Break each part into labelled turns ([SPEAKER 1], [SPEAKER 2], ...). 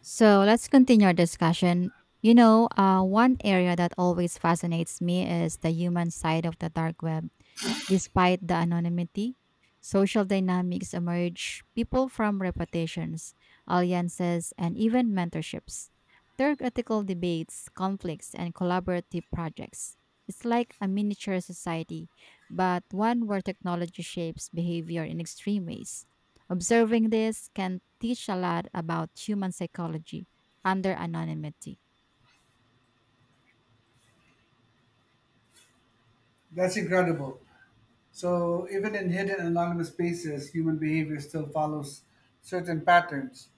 [SPEAKER 1] So let's continue our discussion. One area that always fascinates me is the human side of the dark web. Despite the anonymity, social dynamics emerge, people from reputations, alliances, and even mentorships. There are ethical debates, conflicts, and collaborative projects. It's like a miniature society, but one where technology shapes behavior in extreme ways. Observing this can teach a lot about human psychology under anonymity.
[SPEAKER 2] That's incredible. So even in hidden anonymous spaces, human behavior still follows certain patterns.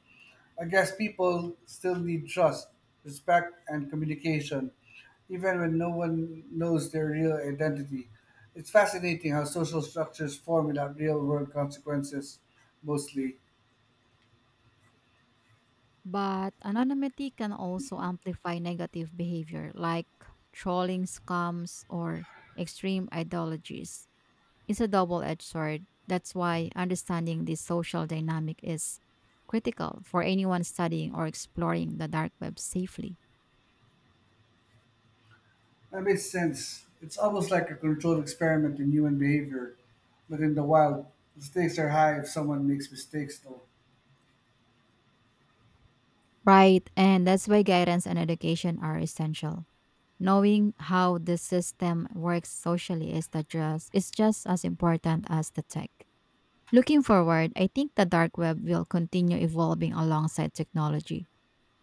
[SPEAKER 2] I guess people still need trust, respect, and communication, even when no one knows their real identity. It's fascinating how social structures form without real world consequences, mostly.
[SPEAKER 1] But anonymity can also amplify negative behavior like trolling scams or extreme ideologies. It's a double edged sword. That's why understanding this social dynamic is critical for anyone studying or exploring the dark web safely.
[SPEAKER 2] That makes sense. It's almost like a controlled experiment in human behavior, but in the wild, the stakes are high if someone makes mistakes, though.
[SPEAKER 1] Right, and that's why guidance and education are essential. Knowing how the system works socially is the just is just as important as the tech. Looking forward, I think the dark web will continue evolving alongside technology.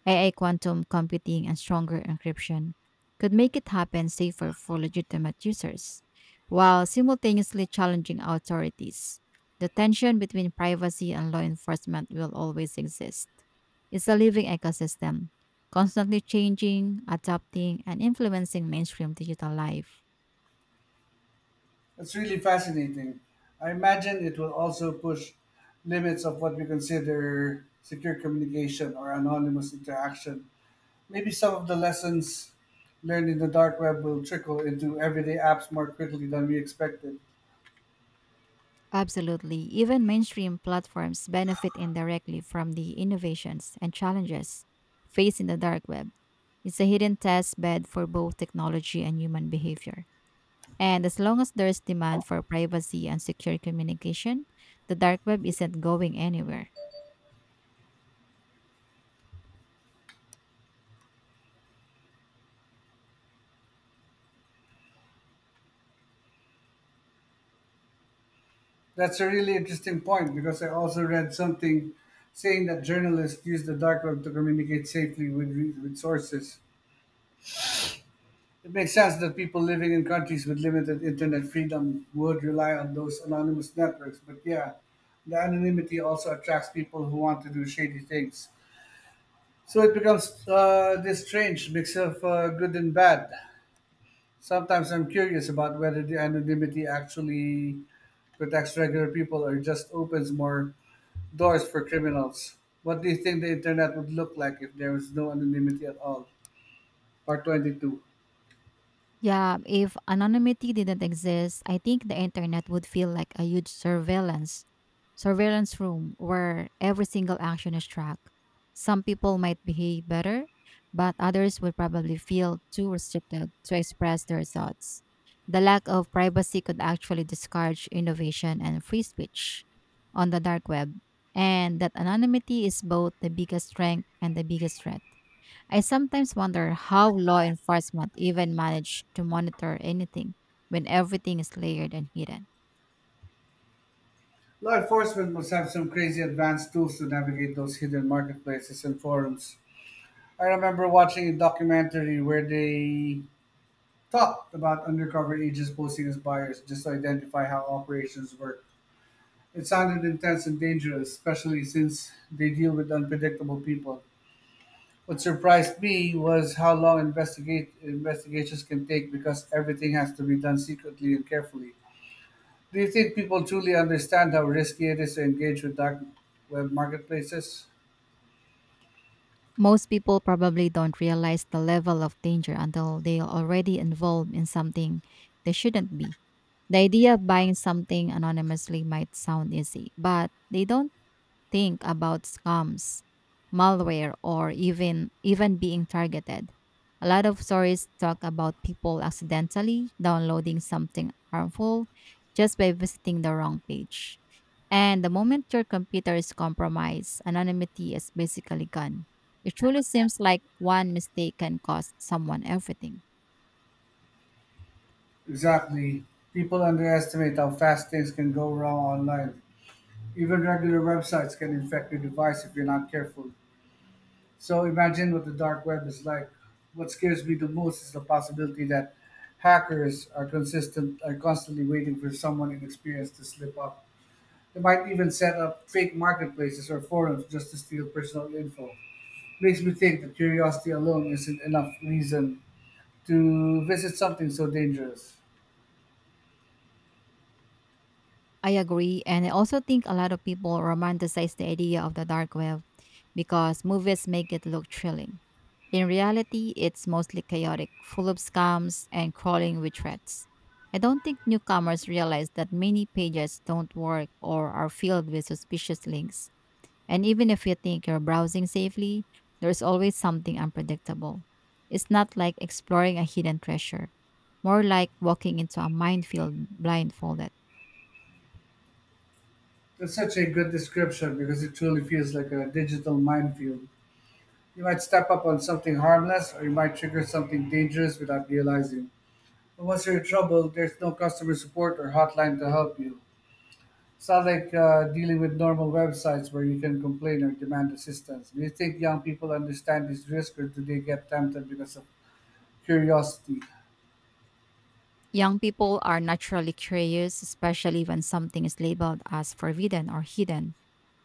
[SPEAKER 1] AI quantum computing and stronger encryption could make it happen safer for legitimate users, while simultaneously challenging authorities. The tension between privacy and law enforcement will always exist. It's a living ecosystem, constantly changing, adapting, and influencing mainstream digital life.
[SPEAKER 2] It's really fascinating. I imagine it will also push limits of what we consider secure communication or anonymous interaction. Maybe some of the lessons learned in the dark web will trickle into everyday apps more quickly than we expected.
[SPEAKER 1] Absolutely. Even mainstream platforms benefit indirectly from the innovations and challenges faced in the dark web. It's a hidden test bed for both technology and human behavior. And as long as there's demand for privacy and secure communication, the dark web isn't going anywhere.
[SPEAKER 2] That's a really interesting point because I also read something saying that journalists use the dark web to communicate safely with sources. It makes sense that people living in countries with limited internet freedom would rely on those anonymous networks, but yeah, the anonymity also attracts people who want to do shady things. So it becomes this strange mix of good and bad. Sometimes I'm curious about whether the anonymity actually protects regular people or just opens more doors for criminals. What do you think the internet would look like if there was no anonymity at all? Part 22.
[SPEAKER 1] Yeah, if anonymity didn't exist, I think the internet would feel like a huge surveillance room where every single action is tracked. Some people might behave better, but others would probably feel too restricted to express their thoughts. The lack of privacy could actually discourage innovation and free speech on the dark web, and that anonymity is both the biggest strength and the biggest threat. I sometimes wonder how law enforcement even manage to monitor anything when everything is layered and hidden.
[SPEAKER 2] Law enforcement must have some crazy advanced tools to navigate those hidden marketplaces and forums. I remember watching a documentary where they talked about undercover agents posing as buyers just to identify how operations work. It sounded intense and dangerous, especially since they deal with unpredictable people. What surprised me was how long investigate investigations can take because everything has to be done secretly and carefully. Do you think people truly understand how risky it is to engage with dark web marketplaces?
[SPEAKER 1] Most people probably don't realize the level of danger until they are already involved in something they shouldn't be. The idea of buying something anonymously might sound easy, but they don't think about scams, malware, or even being targeted. A lot of stories talk about people accidentally downloading something harmful just by visiting the wrong page. And the moment your computer is compromised, anonymity is basically gone. It truly seems like one mistake can cost someone everything.
[SPEAKER 2] Exactly. People underestimate how fast things can go wrong online. Even regular websites can infect your device if you're not careful. So imagine what the dark web is like. What scares me the most is the possibility that hackers are consistent are constantly waiting for someone inexperienced to slip up. They might even set up fake marketplaces or forums just to steal personal info. Makes me think that curiosity alone isn't enough reason to visit something so dangerous.
[SPEAKER 1] I agree. And I also think a lot of people romanticize the idea of the dark web because movies make it look thrilling. In reality, it's mostly chaotic, full of scams and crawling with threats. I don't think newcomers realize that many pages don't work or are filled with suspicious links. And even if you think you're browsing safely, there's always something unpredictable. It's not like exploring a hidden treasure, more like walking into a minefield blindfolded.
[SPEAKER 2] That's such a good description because it truly feels like a digital minefield. You might step up on something harmless or you might trigger something dangerous without realizing. But once you're in trouble, there's no customer support or hotline to help you. It's not like dealing with normal websites where you can complain or demand assistance. Do you think young people understand this risk or do they get tempted because of curiosity?
[SPEAKER 1] Young people are naturally curious, especially when something is labeled as forbidden or hidden.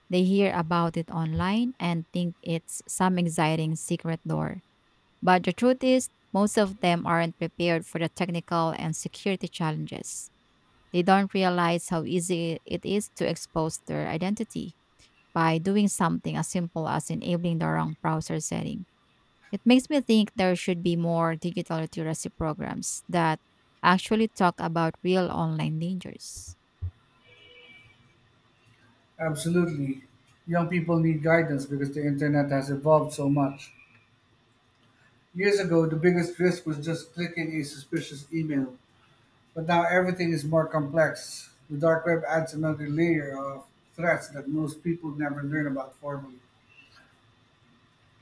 [SPEAKER 1] They hear about it online and think it's some exciting secret door. But the truth is, most of them aren't prepared for the technical and security challenges. They don't realize how easy it is to expose their identity by doing something as simple as enabling the wrong browser setting. It makes me think there should be more digital literacy programs that actually talk about real online dangers.
[SPEAKER 2] Absolutely. Young people need guidance because the internet has evolved so much. Years ago, the biggest risk was just clicking a suspicious email, but now everything is more complex. The dark web adds another layer of threats that most people never learn about formally.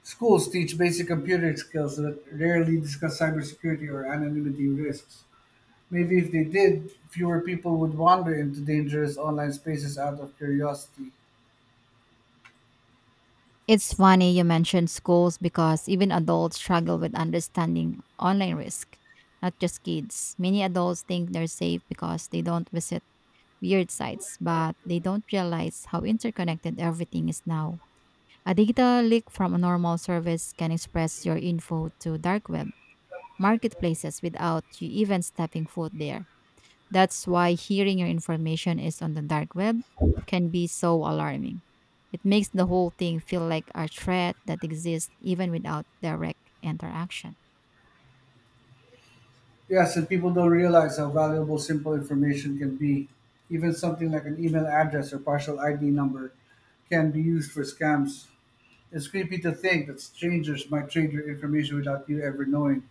[SPEAKER 2] Schools teach basic computer skills that rarely discuss cybersecurity or anonymity risks. Maybe if they did, fewer people would wander into dangerous online spaces out of curiosity.
[SPEAKER 1] It's funny you mentioned schools because even adults struggle with understanding online risk, not just kids. Many adults think they're safe because they don't visit weird sites, but they don't realize how interconnected everything is now. A digital leak from a normal service can express your info to dark web marketplaces without you even stepping foot there. That's why hearing your information is on the dark web can be so alarming. It makes the whole thing feel like a threat that exists even without direct interaction.
[SPEAKER 2] Yes, and people don't realize how valuable simple information can be. Even something like an email address or partial ID number can be used for scams. It's creepy to think that strangers might trade your information without you ever knowing.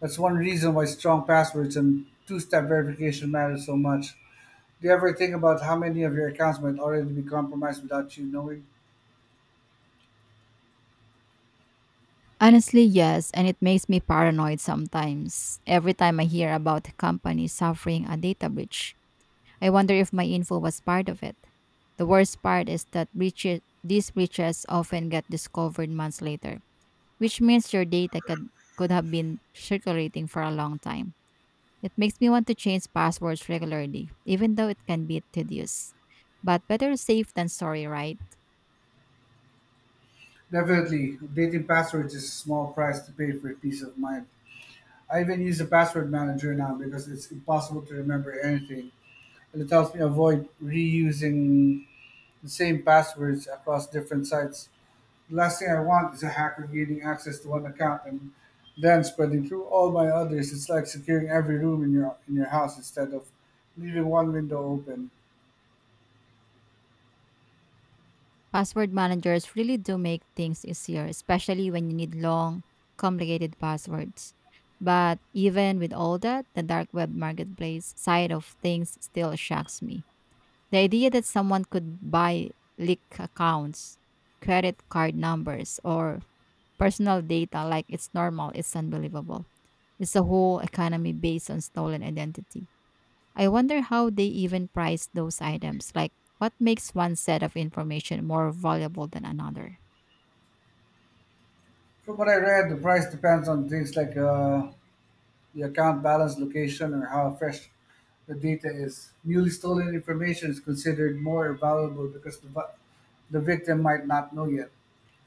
[SPEAKER 2] That's one reason why strong passwords and two step verification matter so much. Do you ever think about how many of your accounts might already be compromised without you knowing?
[SPEAKER 1] Honestly, yes, and it makes me paranoid sometimes. Every time I hear about a company suffering a data breach, I wonder if my info was part of it. The worst part is that these breaches often get discovered months later, which means your data could have been circulating for a long time. It makes me want to change passwords regularly, even though it can be tedious. But better safe than sorry, right?
[SPEAKER 2] Definitely, updating passwords is a small price to pay for peace of mind. I even use a password manager now because it's impossible to remember anything and it helps me avoid reusing the same passwords across different sites. The last thing I want is a hacker gaining access to one account and then spreading through all my others. It's like securing every room in your house instead of leaving one window open.
[SPEAKER 1] Password managers really do make things easier, especially when you need long, complicated passwords. But even with all that, the dark web marketplace side of things still shocks me. The idea that someone could buy leaked accounts, credit card numbers, or personal data like it's normal is unbelievable. It's a whole economy based on stolen identity. I wonder how they even price those items. Like, what makes one set of information more valuable than another?
[SPEAKER 2] From what I read, the price depends on things like the account balance, location, or how fresh the data is. Newly stolen information is considered more valuable because the victim might not know yet.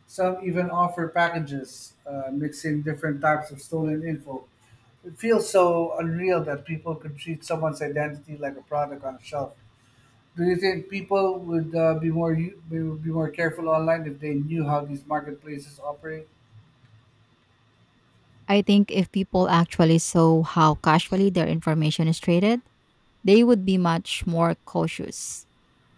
[SPEAKER 2] Some even offer packages mixing different types of stolen info. It feels so unreal that people could treat someone's identity like a product on a shelf. Do you think people would they would be more careful online if they knew how these marketplaces operate?
[SPEAKER 1] I think if people actually saw how casually their information is treated, they would be much more cautious.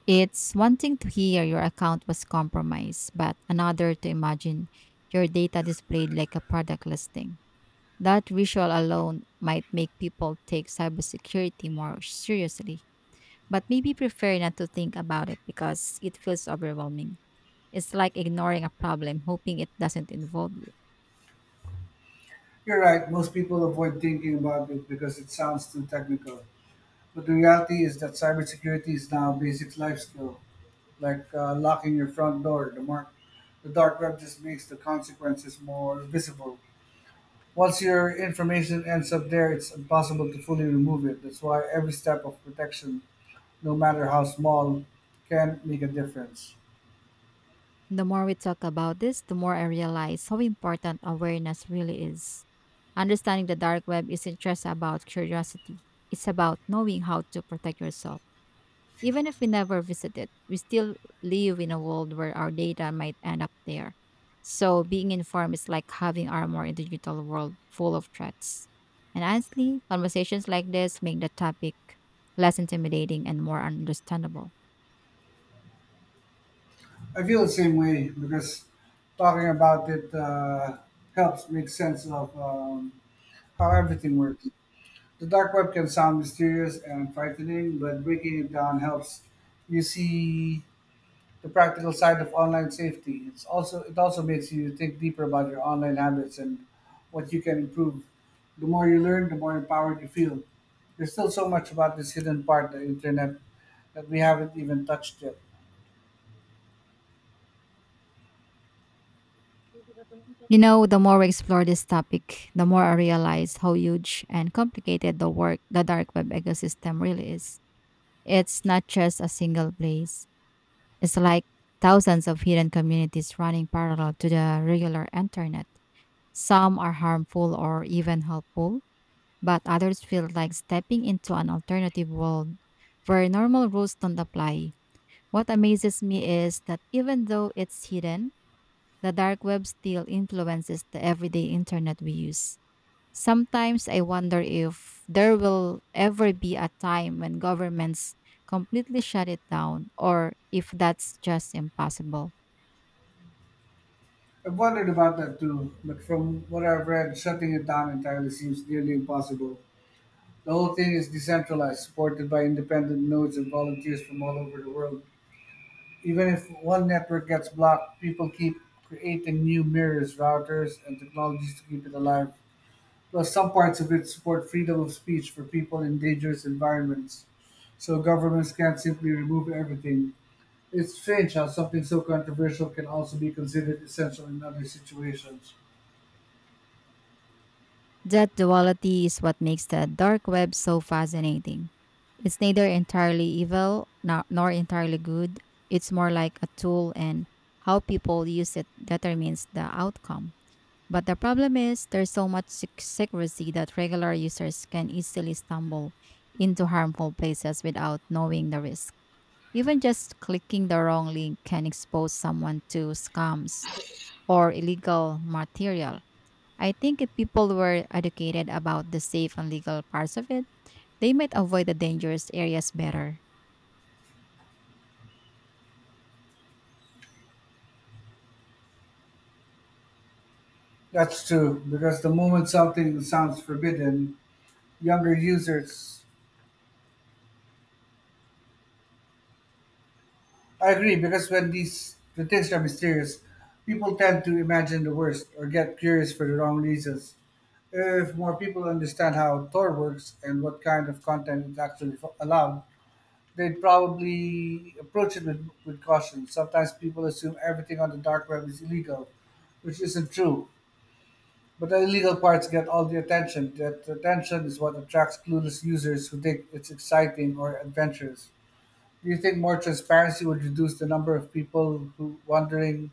[SPEAKER 1] It's one thing to hear your account was compromised, but another to imagine your data displayed like a product listing. That visual alone might make people take cybersecurity more seriously, but maybe prefer not to think about it because it feels overwhelming. It's like ignoring a problem, hoping it doesn't involve you.
[SPEAKER 2] You're right. Most people avoid thinking about it because it sounds too technical. But the reality is that cybersecurity is now a basic life skill, like locking your front door. The dark web just makes the consequences more visible. Once your information ends up there, it's impossible to fully remove it. That's why every step of protection, no matter how small, can make a difference.
[SPEAKER 1] The more we talk about this, the more I realize how important awareness really is. Understanding the dark web isn't just about curiosity, it's about knowing how to protect yourself. Even if we never visit it, we still live in a world where our data might end up there. So being informed is like having armor in the digital world full of threats. And honestly, conversations like this make the topic less intimidating and more understandable.
[SPEAKER 2] I feel the same way because talking about it helps make sense of how everything works. The dark web can sound mysterious and frightening, but breaking it down helps you see the practical side of online safety. It also makes you think deeper about your online habits and what you can improve. The more you learn, the more empowered you feel. There's still so much about this hidden part, the internet, that we haven't even touched yet.
[SPEAKER 1] You know, the more we explore this topic, the more I realize how huge and complicated the dark web ecosystem really is. It's not just a single place. It's like thousands of hidden communities running parallel to the regular internet. Some are harmful or even helpful, but others feel like stepping into an alternative world where normal rules don't apply. What amazes me is that even though it's hidden, the dark web still influences the everyday internet we use. Sometimes I wonder if there will ever be a time when governments completely shut it down or if that's just impossible.
[SPEAKER 2] I've wondered about that too, but from what I've read, shutting it down entirely seems nearly impossible. The whole thing is decentralized, supported by independent nodes and volunteers from all over the world. Even if one network gets blocked, people keep creating new mirrors, routers, and technologies to keep it alive. Plus, some parts of it support freedom of speech for people in dangerous environments, so governments can't simply remove everything. It's strange how something so controversial can also be considered essential in other situations.
[SPEAKER 1] That duality is what makes the dark web so fascinating. It's neither entirely evil nor entirely good. It's more like a tool, and how people use it determines the outcome. But the problem is, there's so much secrecy that regular users can easily stumble into harmful places without knowing the risk. Even just clicking the wrong link can expose someone to scams or illegal material. I think if people were educated about the safe and legal parts of it, they might avoid the dangerous areas better.
[SPEAKER 2] That's true, because the moment something sounds forbidden, younger users I agree because when the things are mysterious, people tend to imagine the worst or get curious for the wrong reasons. If more people understand how Tor works and what kind of content is actually allowed, they'd probably approach it with caution. Sometimes people assume everything on the dark web is illegal, which isn't true. But the illegal parts get all the attention. That attention is what attracts clueless users who think it's exciting or adventurous. Do you think more transparency would reduce the number of people who wandering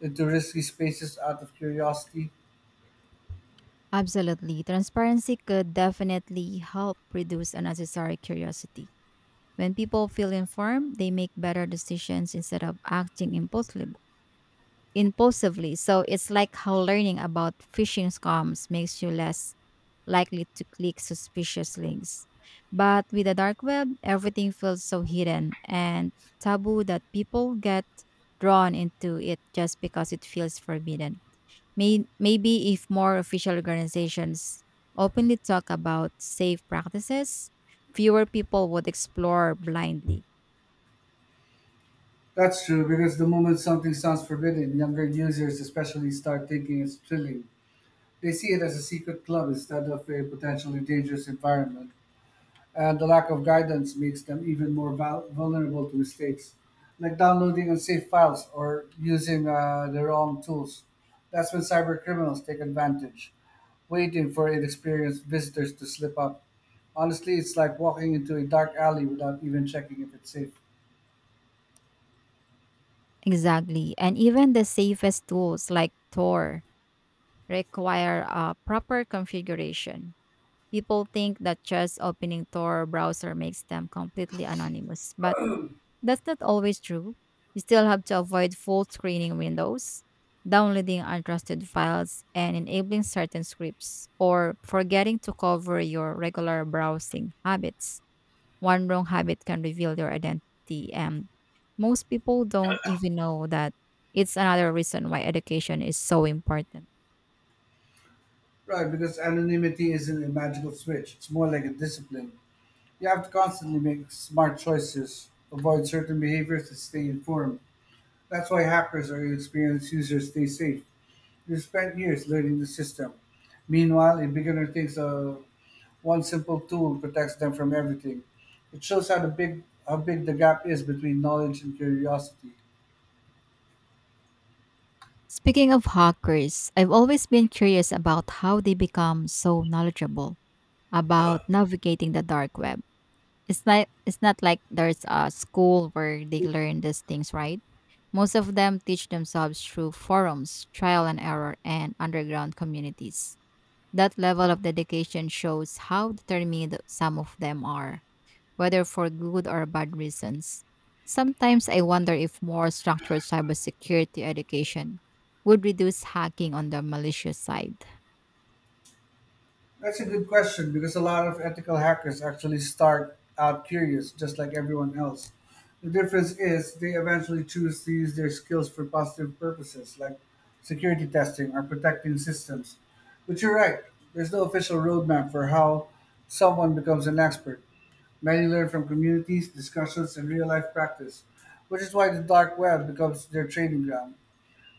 [SPEAKER 2] into risky spaces out of curiosity?
[SPEAKER 1] Absolutely. Transparency could definitely help reduce unnecessary curiosity. When people feel informed, they make better decisions instead of acting impulsively. So it's like how learning about phishing scams makes you less likely to click suspicious links. But with the dark web, everything feels so hidden and taboo that people get drawn into it just because it feels forbidden. Maybe if more official organizations openly talk about safe practices, fewer people would explore blindly.
[SPEAKER 2] That's true, because the moment something sounds forbidden, younger users especially start thinking it's thrilling. They see it as a secret club instead of a potentially dangerous environment. And the lack of guidance makes them even more vulnerable to mistakes, like downloading unsafe files or using the wrong tools. That's when cyber criminals take advantage, waiting for inexperienced visitors to slip up. Honestly, it's like walking into a dark alley without even checking if it's safe.
[SPEAKER 1] Exactly. And even the safest tools like Tor require a proper configuration. People think that just opening Tor browser makes them completely anonymous, but that's not always true. You still have to avoid full screening windows, downloading untrusted files, and enabling certain scripts, or forgetting to cover your regular browsing habits. One wrong habit can reveal your identity, and most people don't even know that. It's another reason why education is so important.
[SPEAKER 2] Right, because anonymity isn't a magical switch, it's more like a discipline. You have to constantly make smart choices, avoid certain behaviors, and stay informed. That's why hackers or experienced users stay safe. You spend years learning the system. Meanwhile, a beginner thinks one simple tool protects them from everything. It shows how the big how big the gap is between knowledge and curiosity.
[SPEAKER 1] Speaking of hackers, I've always been curious about how they become so knowledgeable about navigating the dark web. It's not like there's a school where they learn these things, right? Most of them teach themselves through forums, trial and error, and underground communities. That level of dedication shows how determined some of them are whether for good or bad reasons. Sometimes I wonder if more structured cybersecurity education would reduce hacking on the malicious side.
[SPEAKER 2] That's a good question because a lot of ethical hackers actually start out curious, just like everyone else. The difference is they eventually choose to use their skills for positive purposes, like security testing or protecting systems. But you're right, there's no official roadmap for how someone becomes an expert. Many learn from communities, discussions, and real life practice, which is why the dark web becomes their training ground.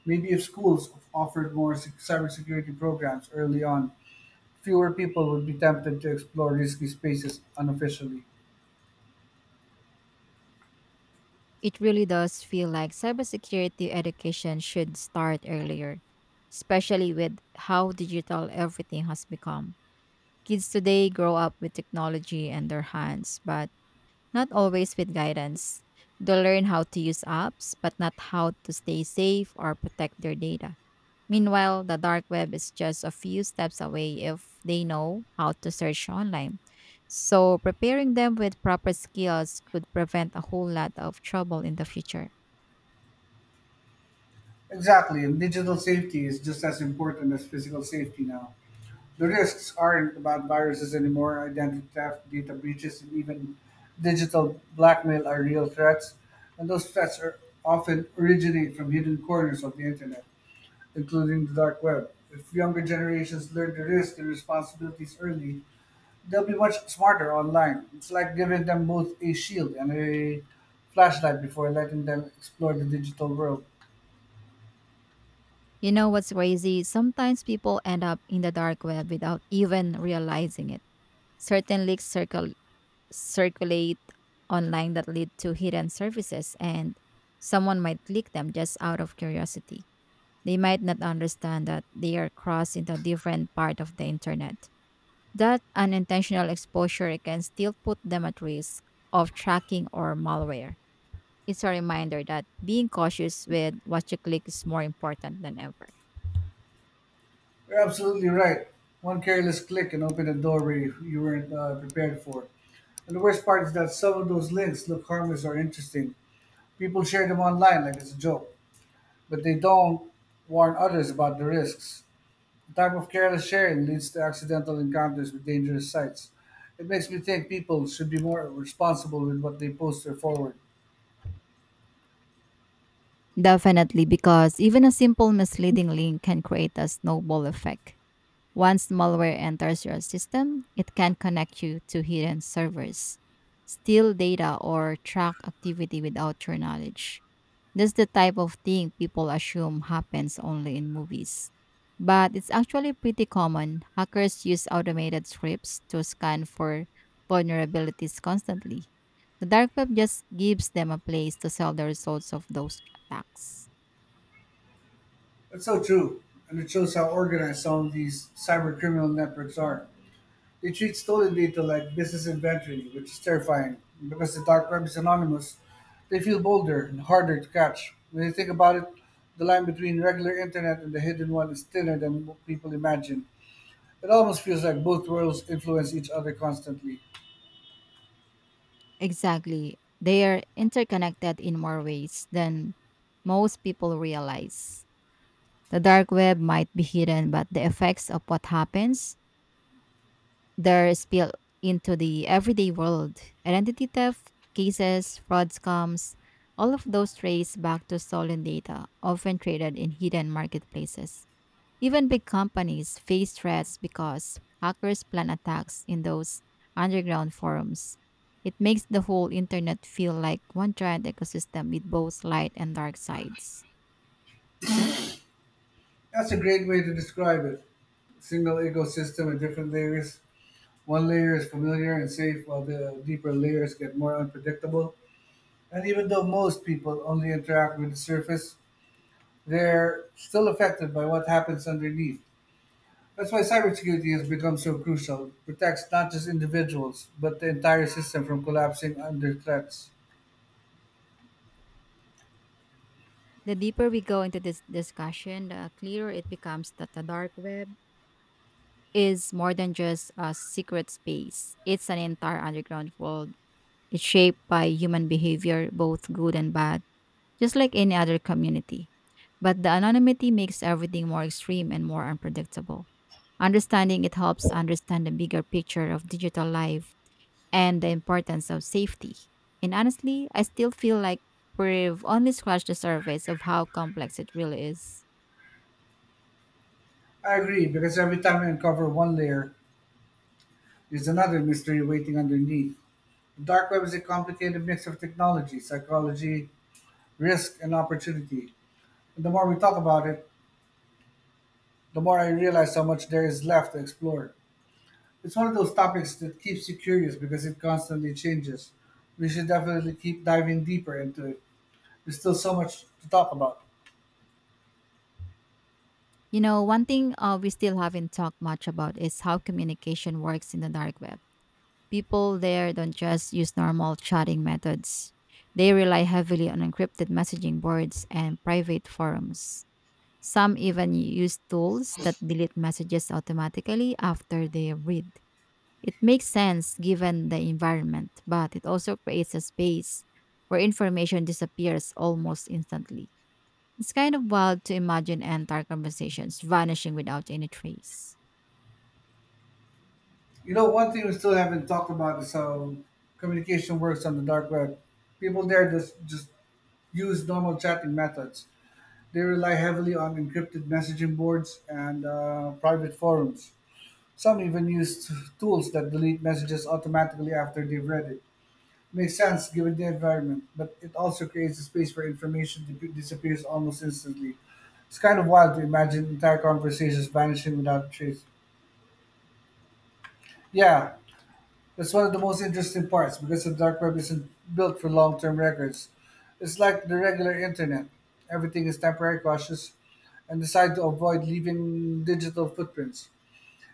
[SPEAKER 2] Maybe if schools offered more cybersecurity programs early on, fewer people would be tempted to explore risky spaces unofficially.
[SPEAKER 1] It really does feel like cybersecurity education should start earlier, especially with how digital everything has become. Kids today grow up with technology in their hands, but not always with guidance. They learn how to use apps, but not how to stay safe or protect their data. Meanwhile, the dark web is just a few steps away if they know how to search online. So, preparing them with proper skills could prevent a whole lot of trouble in the future.
[SPEAKER 2] Exactly, and digital safety is just as important as physical safety now. The risks aren't about viruses anymore, identity theft, data breaches, and even digital blackmail are real threats, and those threats are often originate from hidden corners of the internet, including the dark web. If younger generations learn to risk and responsibilities early, they'll be much smarter online. It's like giving them both a shield and a flashlight before letting them explore the digital world.
[SPEAKER 1] You know what's crazy? Sometimes people end up in the dark web without even realizing it. Certain leaks circulate online that lead to hidden services, and someone might click them just out of curiosity. They might not understand that they are crossed into a different part of the internet. That unintentional exposure can still put them at risk of tracking or malware. It's a reminder that being cautious with what you click is more important than ever.
[SPEAKER 2] You're absolutely right. One careless click can open a doorway you weren't prepared for. And the worst part is that some of those links look harmless or interesting. People share them online like it's a joke, but they don't warn others about the risks. The type of careless sharing leads to accidental encounters with dangerous sites. It makes me think people should be more responsible with what they post or forward.
[SPEAKER 1] Definitely, because even a simple misleading link can create a snowball effect. Once malware enters your system, it can connect you to hidden servers, steal data, or track activity without your knowledge. That's the type of thing people assume happens only in movies. But it's actually pretty common. Hackers use automated scripts to scan for vulnerabilities constantly. The dark web just gives them a place to sell the results of those attacks.
[SPEAKER 2] That's so true, and it shows how organized some of these cyber criminal networks are. They treat stolen data like business inventory, which is terrifying. Because the dark web is anonymous, they feel bolder and harder to catch. When you think about it, the line between regular internet and the hidden one is thinner than people imagine. It almost feels like both worlds influence each other constantly.
[SPEAKER 1] Exactly. They are interconnected in more ways than most people realize. The dark web might be hidden, but the effects of what happens their spill into the everyday world. Identity theft cases, fraud scams, all of those trace back to stolen data, often traded in hidden marketplaces. Even big companies face threats because hackers plan attacks in those underground forums. It makes the whole internet feel like one giant ecosystem with both light and dark sides.
[SPEAKER 2] That's a great way to describe it. Single ecosystem with different layers. One layer is familiar and safe, while the deeper layers get more unpredictable. And even though most people only interact with the surface, they're still affected by what happens underneath. That's why cybersecurity has become so crucial. It protects not just individuals, but the entire system from collapsing under threats.
[SPEAKER 1] The deeper we go into this discussion, the clearer it becomes that the dark web is more than just a secret space. It's an entire underground world. It's shaped by human behavior, both good and bad, just like any other community. But the anonymity makes everything more extreme and more unpredictable. Understanding it helps understand the bigger picture of digital life and the importance of safety. And honestly, I still feel like we've only scratched the surface of how complex it really is.
[SPEAKER 2] I agree, because every time we uncover one layer, there's another mystery waiting underneath. The dark web is a complicated mix of technology, psychology, risk, and opportunity. And the more we talk about it, the more I realize how much there is left to explore. It's one of those topics that keeps you curious because it constantly changes. We should definitely keep diving deeper into it. There's still so much to talk about.
[SPEAKER 1] You know, one thing we still haven't talked much about is how communication works in the dark web. People there don't just use normal chatting methods, they rely heavily on encrypted messaging boards and private forums. Some even use tools that delete messages automatically after they read. It makes sense given the environment, but it also creates a space where information disappears almost instantly. It's kind of wild to imagine entire conversations vanishing without any trace.
[SPEAKER 2] You know, one thing we still haven't talked about is how communication works on the dark web. People there just use normal chatting methods. They rely heavily on encrypted messaging boards and private forums. Some even use tools that delete messages automatically after they've read it. Makes sense given the environment, but it also creates a space where information disappears almost instantly. It's kind of wild to imagine entire conversations vanishing without a trace. Yeah, that's one of the most interesting parts because the dark web isn't built for long term records. It's like the regular internet. Everything is temporary, cautious, and designed to avoid leaving digital footprints.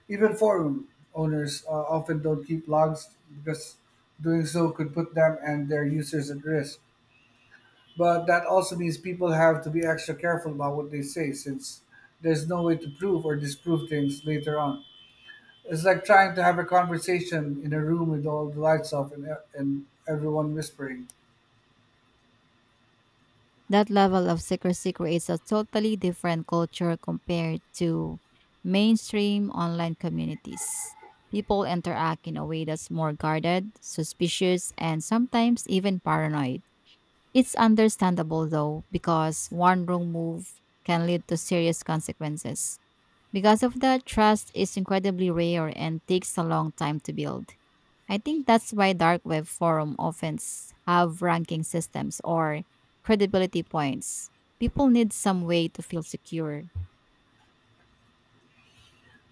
[SPEAKER 2] Even forum owners often don't keep logs because doing so could put them and their users at risk. But that also means people have to be extra careful about what they say since there's no way to prove or disprove things later on. It's like trying to have a conversation in a room with all the lights off and everyone whispering.
[SPEAKER 1] That level of secrecy creates a totally different culture compared to mainstream online communities. People interact in a way that's more guarded, suspicious, and sometimes even paranoid. It's understandable though, because one wrong move can lead to serious consequences. Because of that, trust is incredibly rare and takes a long time to build. I think that's why dark web forum often have ranking systems or credibility points. People need some way to feel secure.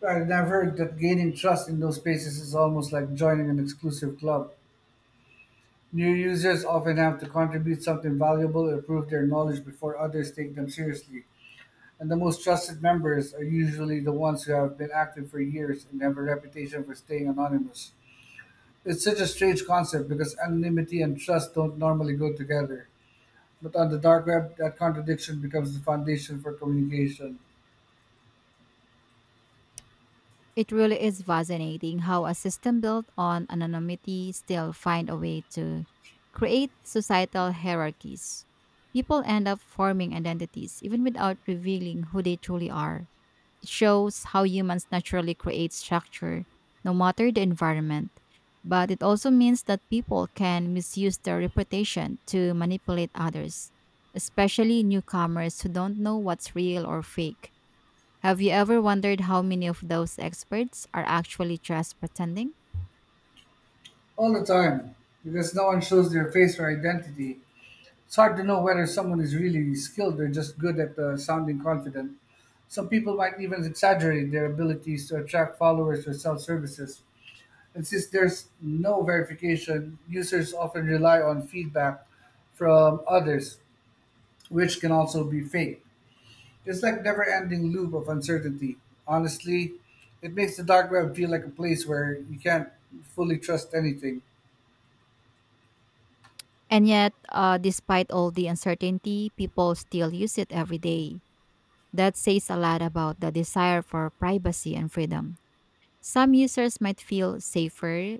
[SPEAKER 2] Right, and I've heard that gaining trust in those spaces is almost like joining an exclusive club. New users often have to contribute something valuable or prove their knowledge before others take them seriously. And the most trusted members are usually the ones who have been active for years and have a reputation for staying anonymous. It's such a strange concept because anonymity and trust don't normally go together. But on the dark web, that contradiction becomes the foundation for communication
[SPEAKER 1] It really is fascinating how a system built on anonymity still find a way to create societal hierarchies. People end up forming identities even without revealing who they truly are. It shows how humans naturally create structure, no matter the environment. But it also means that people can misuse their reputation to manipulate others, especially newcomers who don't know what's real or fake. Have you ever wondered how many of those experts are actually just pretending?
[SPEAKER 2] all the time because no one shows their face or identity. It's hard to know whether someone is really skilled or just good at sounding confident. Some people might even exaggerate their abilities to attract followers or sell services. And since there's no verification, users often rely on feedback from others, which can also be fake. It's like never-ending loop of uncertainty. Honestly, it makes the dark web feel like a place where you can't fully trust anything.
[SPEAKER 1] And yet, despite all the uncertainty, people still use it every day. That says a lot about the desire for privacy and freedom. Some users might feel safer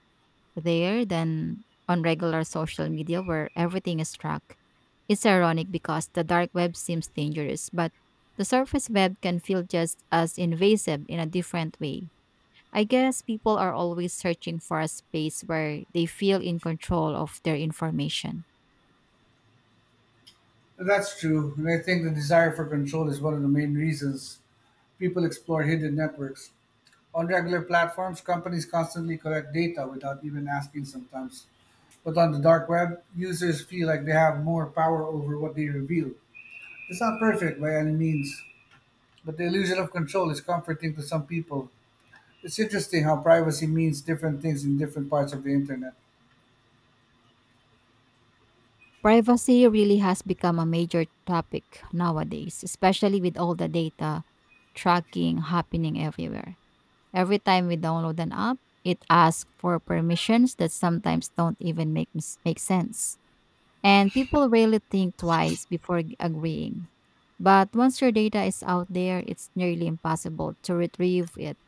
[SPEAKER 1] there than on regular social media where everything is tracked. It's ironic because the dark web seems dangerous, but the surface web can feel just as invasive in a different way. I guess people are always searching for a space where they feel in control of their information.
[SPEAKER 2] That's true, and I think the desire for control is one of the main reasons people explore hidden networks. On regular platforms, companies constantly collect data without even asking sometimes. But on the dark web, users feel like they have more power over what they reveal. It's not perfect by any means, but the illusion of control is comforting to some people. It's interesting how privacy means different things in different parts of the internet.
[SPEAKER 1] Privacy really has become a major topic nowadays, especially with all the data tracking happening everywhere. Every time we download an app, it asks for permissions that sometimes don't even make sense. And people rarely think twice before agreeing. But once your data is out there, it's nearly impossible to retrieve it.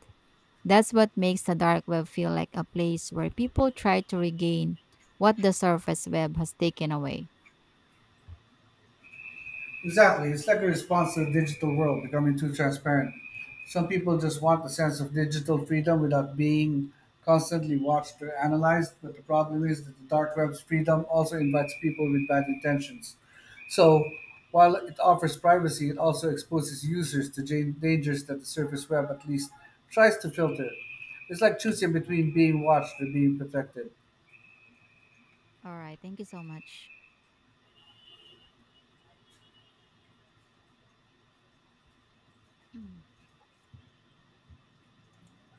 [SPEAKER 1] That's what makes the dark web feel like a place where people try to regain what the surface web has taken away.
[SPEAKER 2] Exactly. It's like a response to the digital world becoming too transparent. Some people just want a sense of digital freedom without being constantly watched or analyzed, but the problem is that the dark web's freedom also invites people with bad intentions. So, while it offers privacy, it also exposes users to dangers that the surface web at least tries to filter. It's like choosing between being watched or being protected.
[SPEAKER 1] All right, thank you so much.